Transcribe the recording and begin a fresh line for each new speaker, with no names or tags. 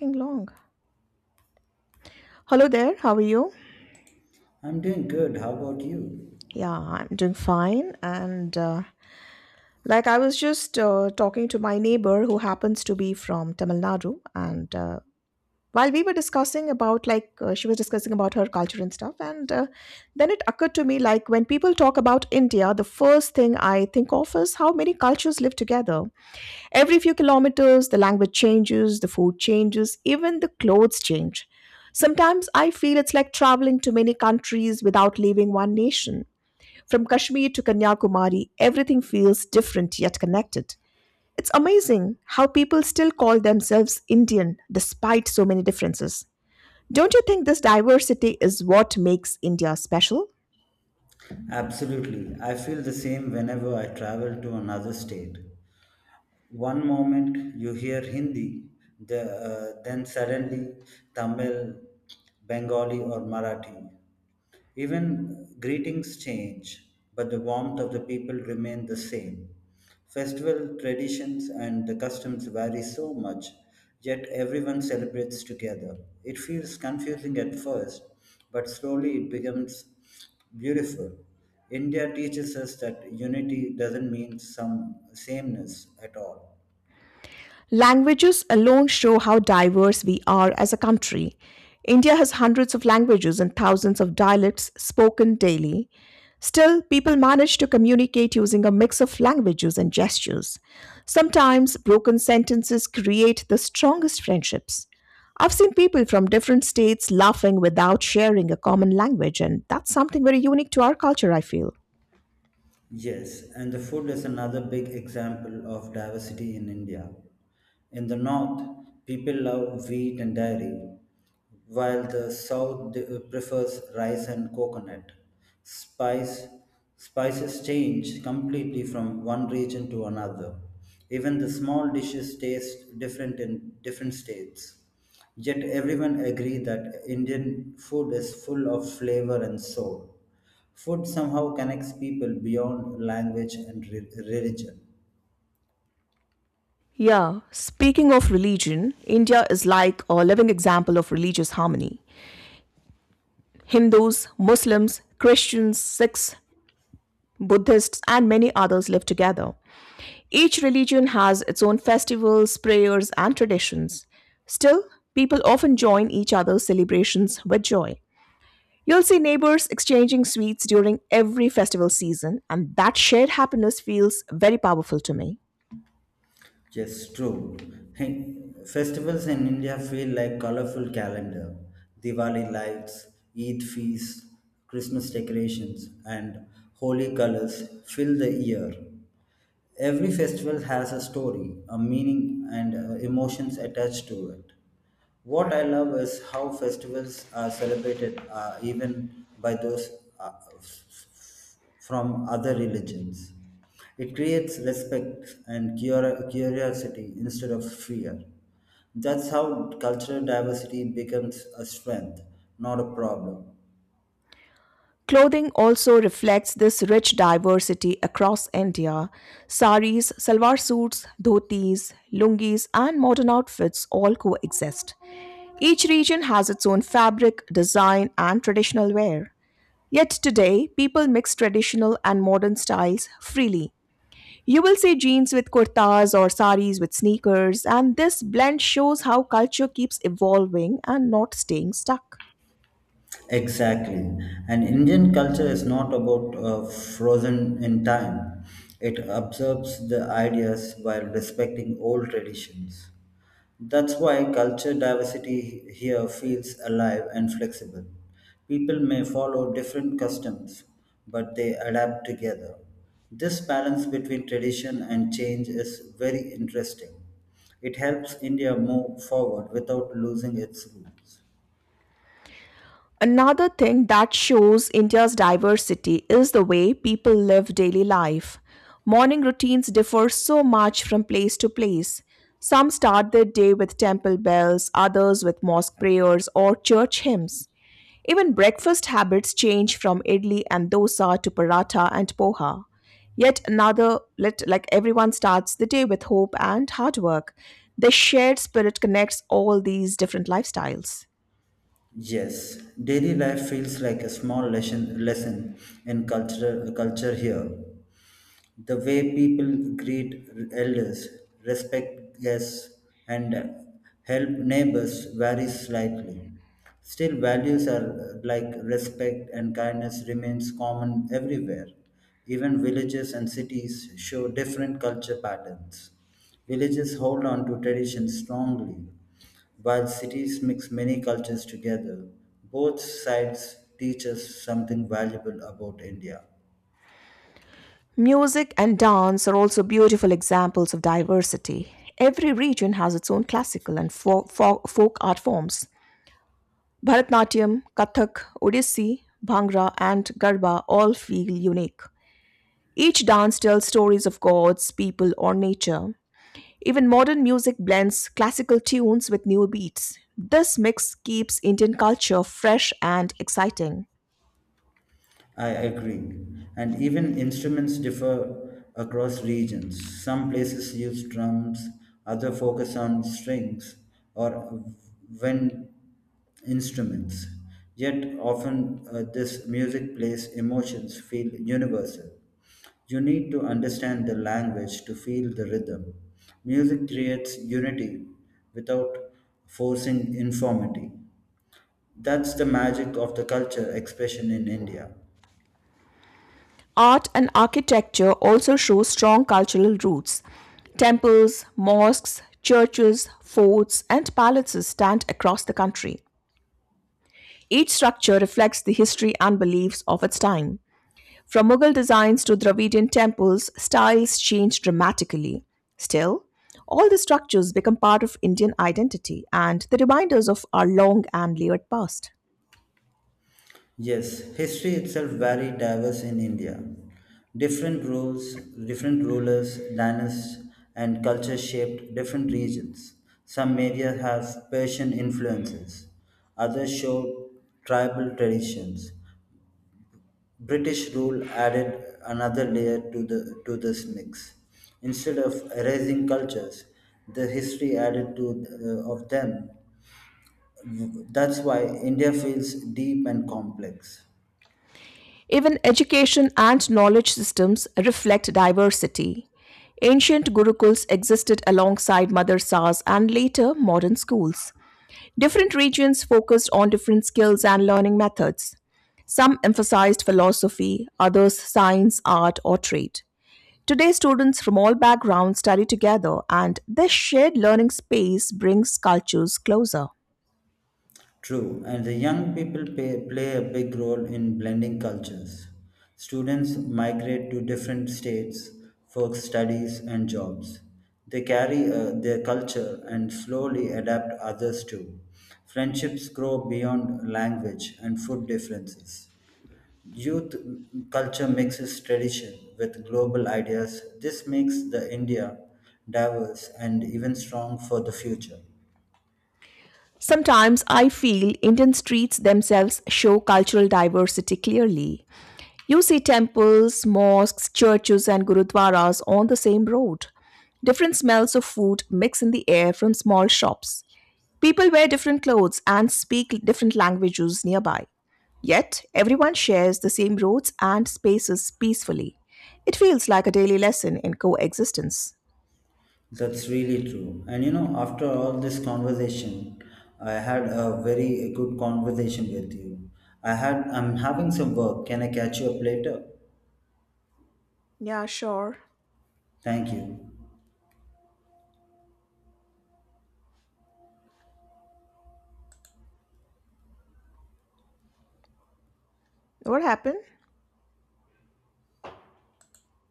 Fucking long. Hello there, how are you?
I'm doing good. How about you?
Yeah, I'm doing fine. And like I was just talking to my neighbor who happens to be from Tamil Nadu, and while we were discussing about she was discussing about her culture and stuff, and then it occurred to me like when people talk about India, the first thing I think of is how many cultures live together. Every few kilometers, the language changes, the food changes, even the clothes change. Sometimes I feel it's like traveling to many countries without leaving one nation. From Kashmir to Kanyakumari, everything feels different yet connected. It's amazing how people still call themselves Indian despite so many differences. Don't you think this diversity is what makes India special?
Absolutely. I feel the same whenever I travel to another state. One moment you hear Hindi, the, then suddenly Tamil, Bengali, or Marathi. Even greetings change, but the warmth of the people remain the same. Festival traditions and the customs vary so much, yet everyone celebrates together. It feels confusing at first, but slowly it becomes beautiful. India teaches us that unity doesn't mean some sameness at all.
Languages alone show how diverse we are as a country. India has hundreds of languages and thousands of dialects spoken daily. Still, people manage to communicate using a mix of languages and gestures. Sometimes, broken sentences create the strongest friendships. I've seen people from different states laughing without sharing a common language, and that's something very unique to our culture, I feel.
Yes, and the food is another big example of diversity in India. In the north, people love wheat and dairy, while the south prefers rice and coconut. Spice, spices change completely from one region to another. Even the small dishes taste different in different states. Yet everyone agree that Indian food is full of flavor and soul. Food somehow connects people beyond language and religion.
Yeah, speaking of religion, India is like a living example of religious harmony. Hindus, Muslims, Christians, Sikhs, Buddhists, and many others live together. Each religion has its own festivals, prayers, and traditions. Still, people often join each other's celebrations with joy. You'll see neighbors exchanging sweets during every festival season, and that shared happiness feels very powerful to me.
Yes, true. Hey, festivals in India feel like colorful calendar. Diwali lights, Eid feasts, Christmas decorations, and holy colors fill the year. Every festival has a story, a meaning, and emotions attached to it. What I love is how festivals are celebrated even by those uh, from other religions. It creates respect and curiosity instead of fear. That's how cultural diversity becomes a strength, not a problem.
Clothing also reflects this rich diversity across India. Saris, salwar suits, dhotis, lungis, and modern outfits all coexist. Each region has its own fabric, design, and traditional wear. Yet today, people mix traditional and modern styles freely. You will see jeans with kurtas or saris with sneakers, and this blend shows how culture keeps evolving and not staying stuck.
Exactly. And Indian culture is not about frozen in time. It observes the ideas while respecting old traditions. That's why culture diversity here feels alive and flexible. People may follow different customs, but they adapt together. This balance between tradition and change is very interesting. It helps India move forward without losing its roots.
Another thing that shows India's diversity is the way people live daily life. Morning routines differ so much from place to place. Some start their day with temple bells, others with mosque prayers or church hymns. Even breakfast habits change from idli and dosa to paratha and poha. Yet another, let, like everyone starts the day with hope and hard work. The shared spirit connects all these different lifestyles.
Yes, daily life feels like a small lesson in culture here. The way people greet elders, respect guests, and help neighbors varies slightly. Still, values are like respect and kindness remains common everywhere. Even villages and cities show different culture patterns. Villages hold on to traditions strongly, while cities mix many cultures together. Both sides teach us something valuable about India.
Music and dance are also beautiful examples of diversity. Every region has its own classical and folk art forms. Bharatnatyam, Kathak, Odissi, Bhangra, and Garba all feel unique. Each dance tells stories of gods, people, or nature. Even modern music blends classical tunes with new beats. This mix keeps Indian culture fresh and exciting.
I agree. And even instruments differ across regions. Some places use drums, other focus on strings or wind instruments. Yet often this music plays emotions feel universal. You need to understand the language to feel the rhythm. Music creates unity without forcing informity. That's the magic of the culture expression in India.
Art and architecture also show strong cultural roots. Temples, mosques, churches, forts, and palaces stand across the country. Each structure reflects the history and beliefs of its time. From Mughal designs to Dravidian temples, styles change dramatically. Still, all the structures become part of Indian identity, and the reminders of our long and layered past.
Yes, history itself very diverse in India. Different rulers, dynasties, and cultures shaped different regions. Some areas have Persian influences, others show tribal traditions. British rule added another layer to this mix. Instead of erasing cultures, the history added to of them. That's why India feels deep and complex.
Even education and knowledge systems reflect diversity. Ancient gurukuls existed alongside madrasas and later modern schools. Different regions focused on different skills and learning methods. Some emphasized philosophy, others science, art, or trade. Today, students from all backgrounds study together, and this shared learning space brings cultures closer.
True, and the young people play a big role in blending cultures. Students migrate to different states for studies and jobs. They carry their culture and slowly adapt others too. Friendships grow beyond language and food differences. Youth culture mixes tradition with global ideas. This makes the India diverse and even strong for the future.
Sometimes I feel Indians treats themselves show cultural diversity clearly. You see temples, mosques, churches, and gurudwaras on the same road. Different smells of food mix in the air from small shops. People wear different clothes and speak different languages nearby. Yet, everyone shares the same roads and spaces peacefully. It feels like a daily lesson in coexistence.
That's really true. And you know, after all this conversation, I had a very good conversation with you. I'm having some work. Can I catch you up later?
Yeah, sure.
Thank you.
What happened?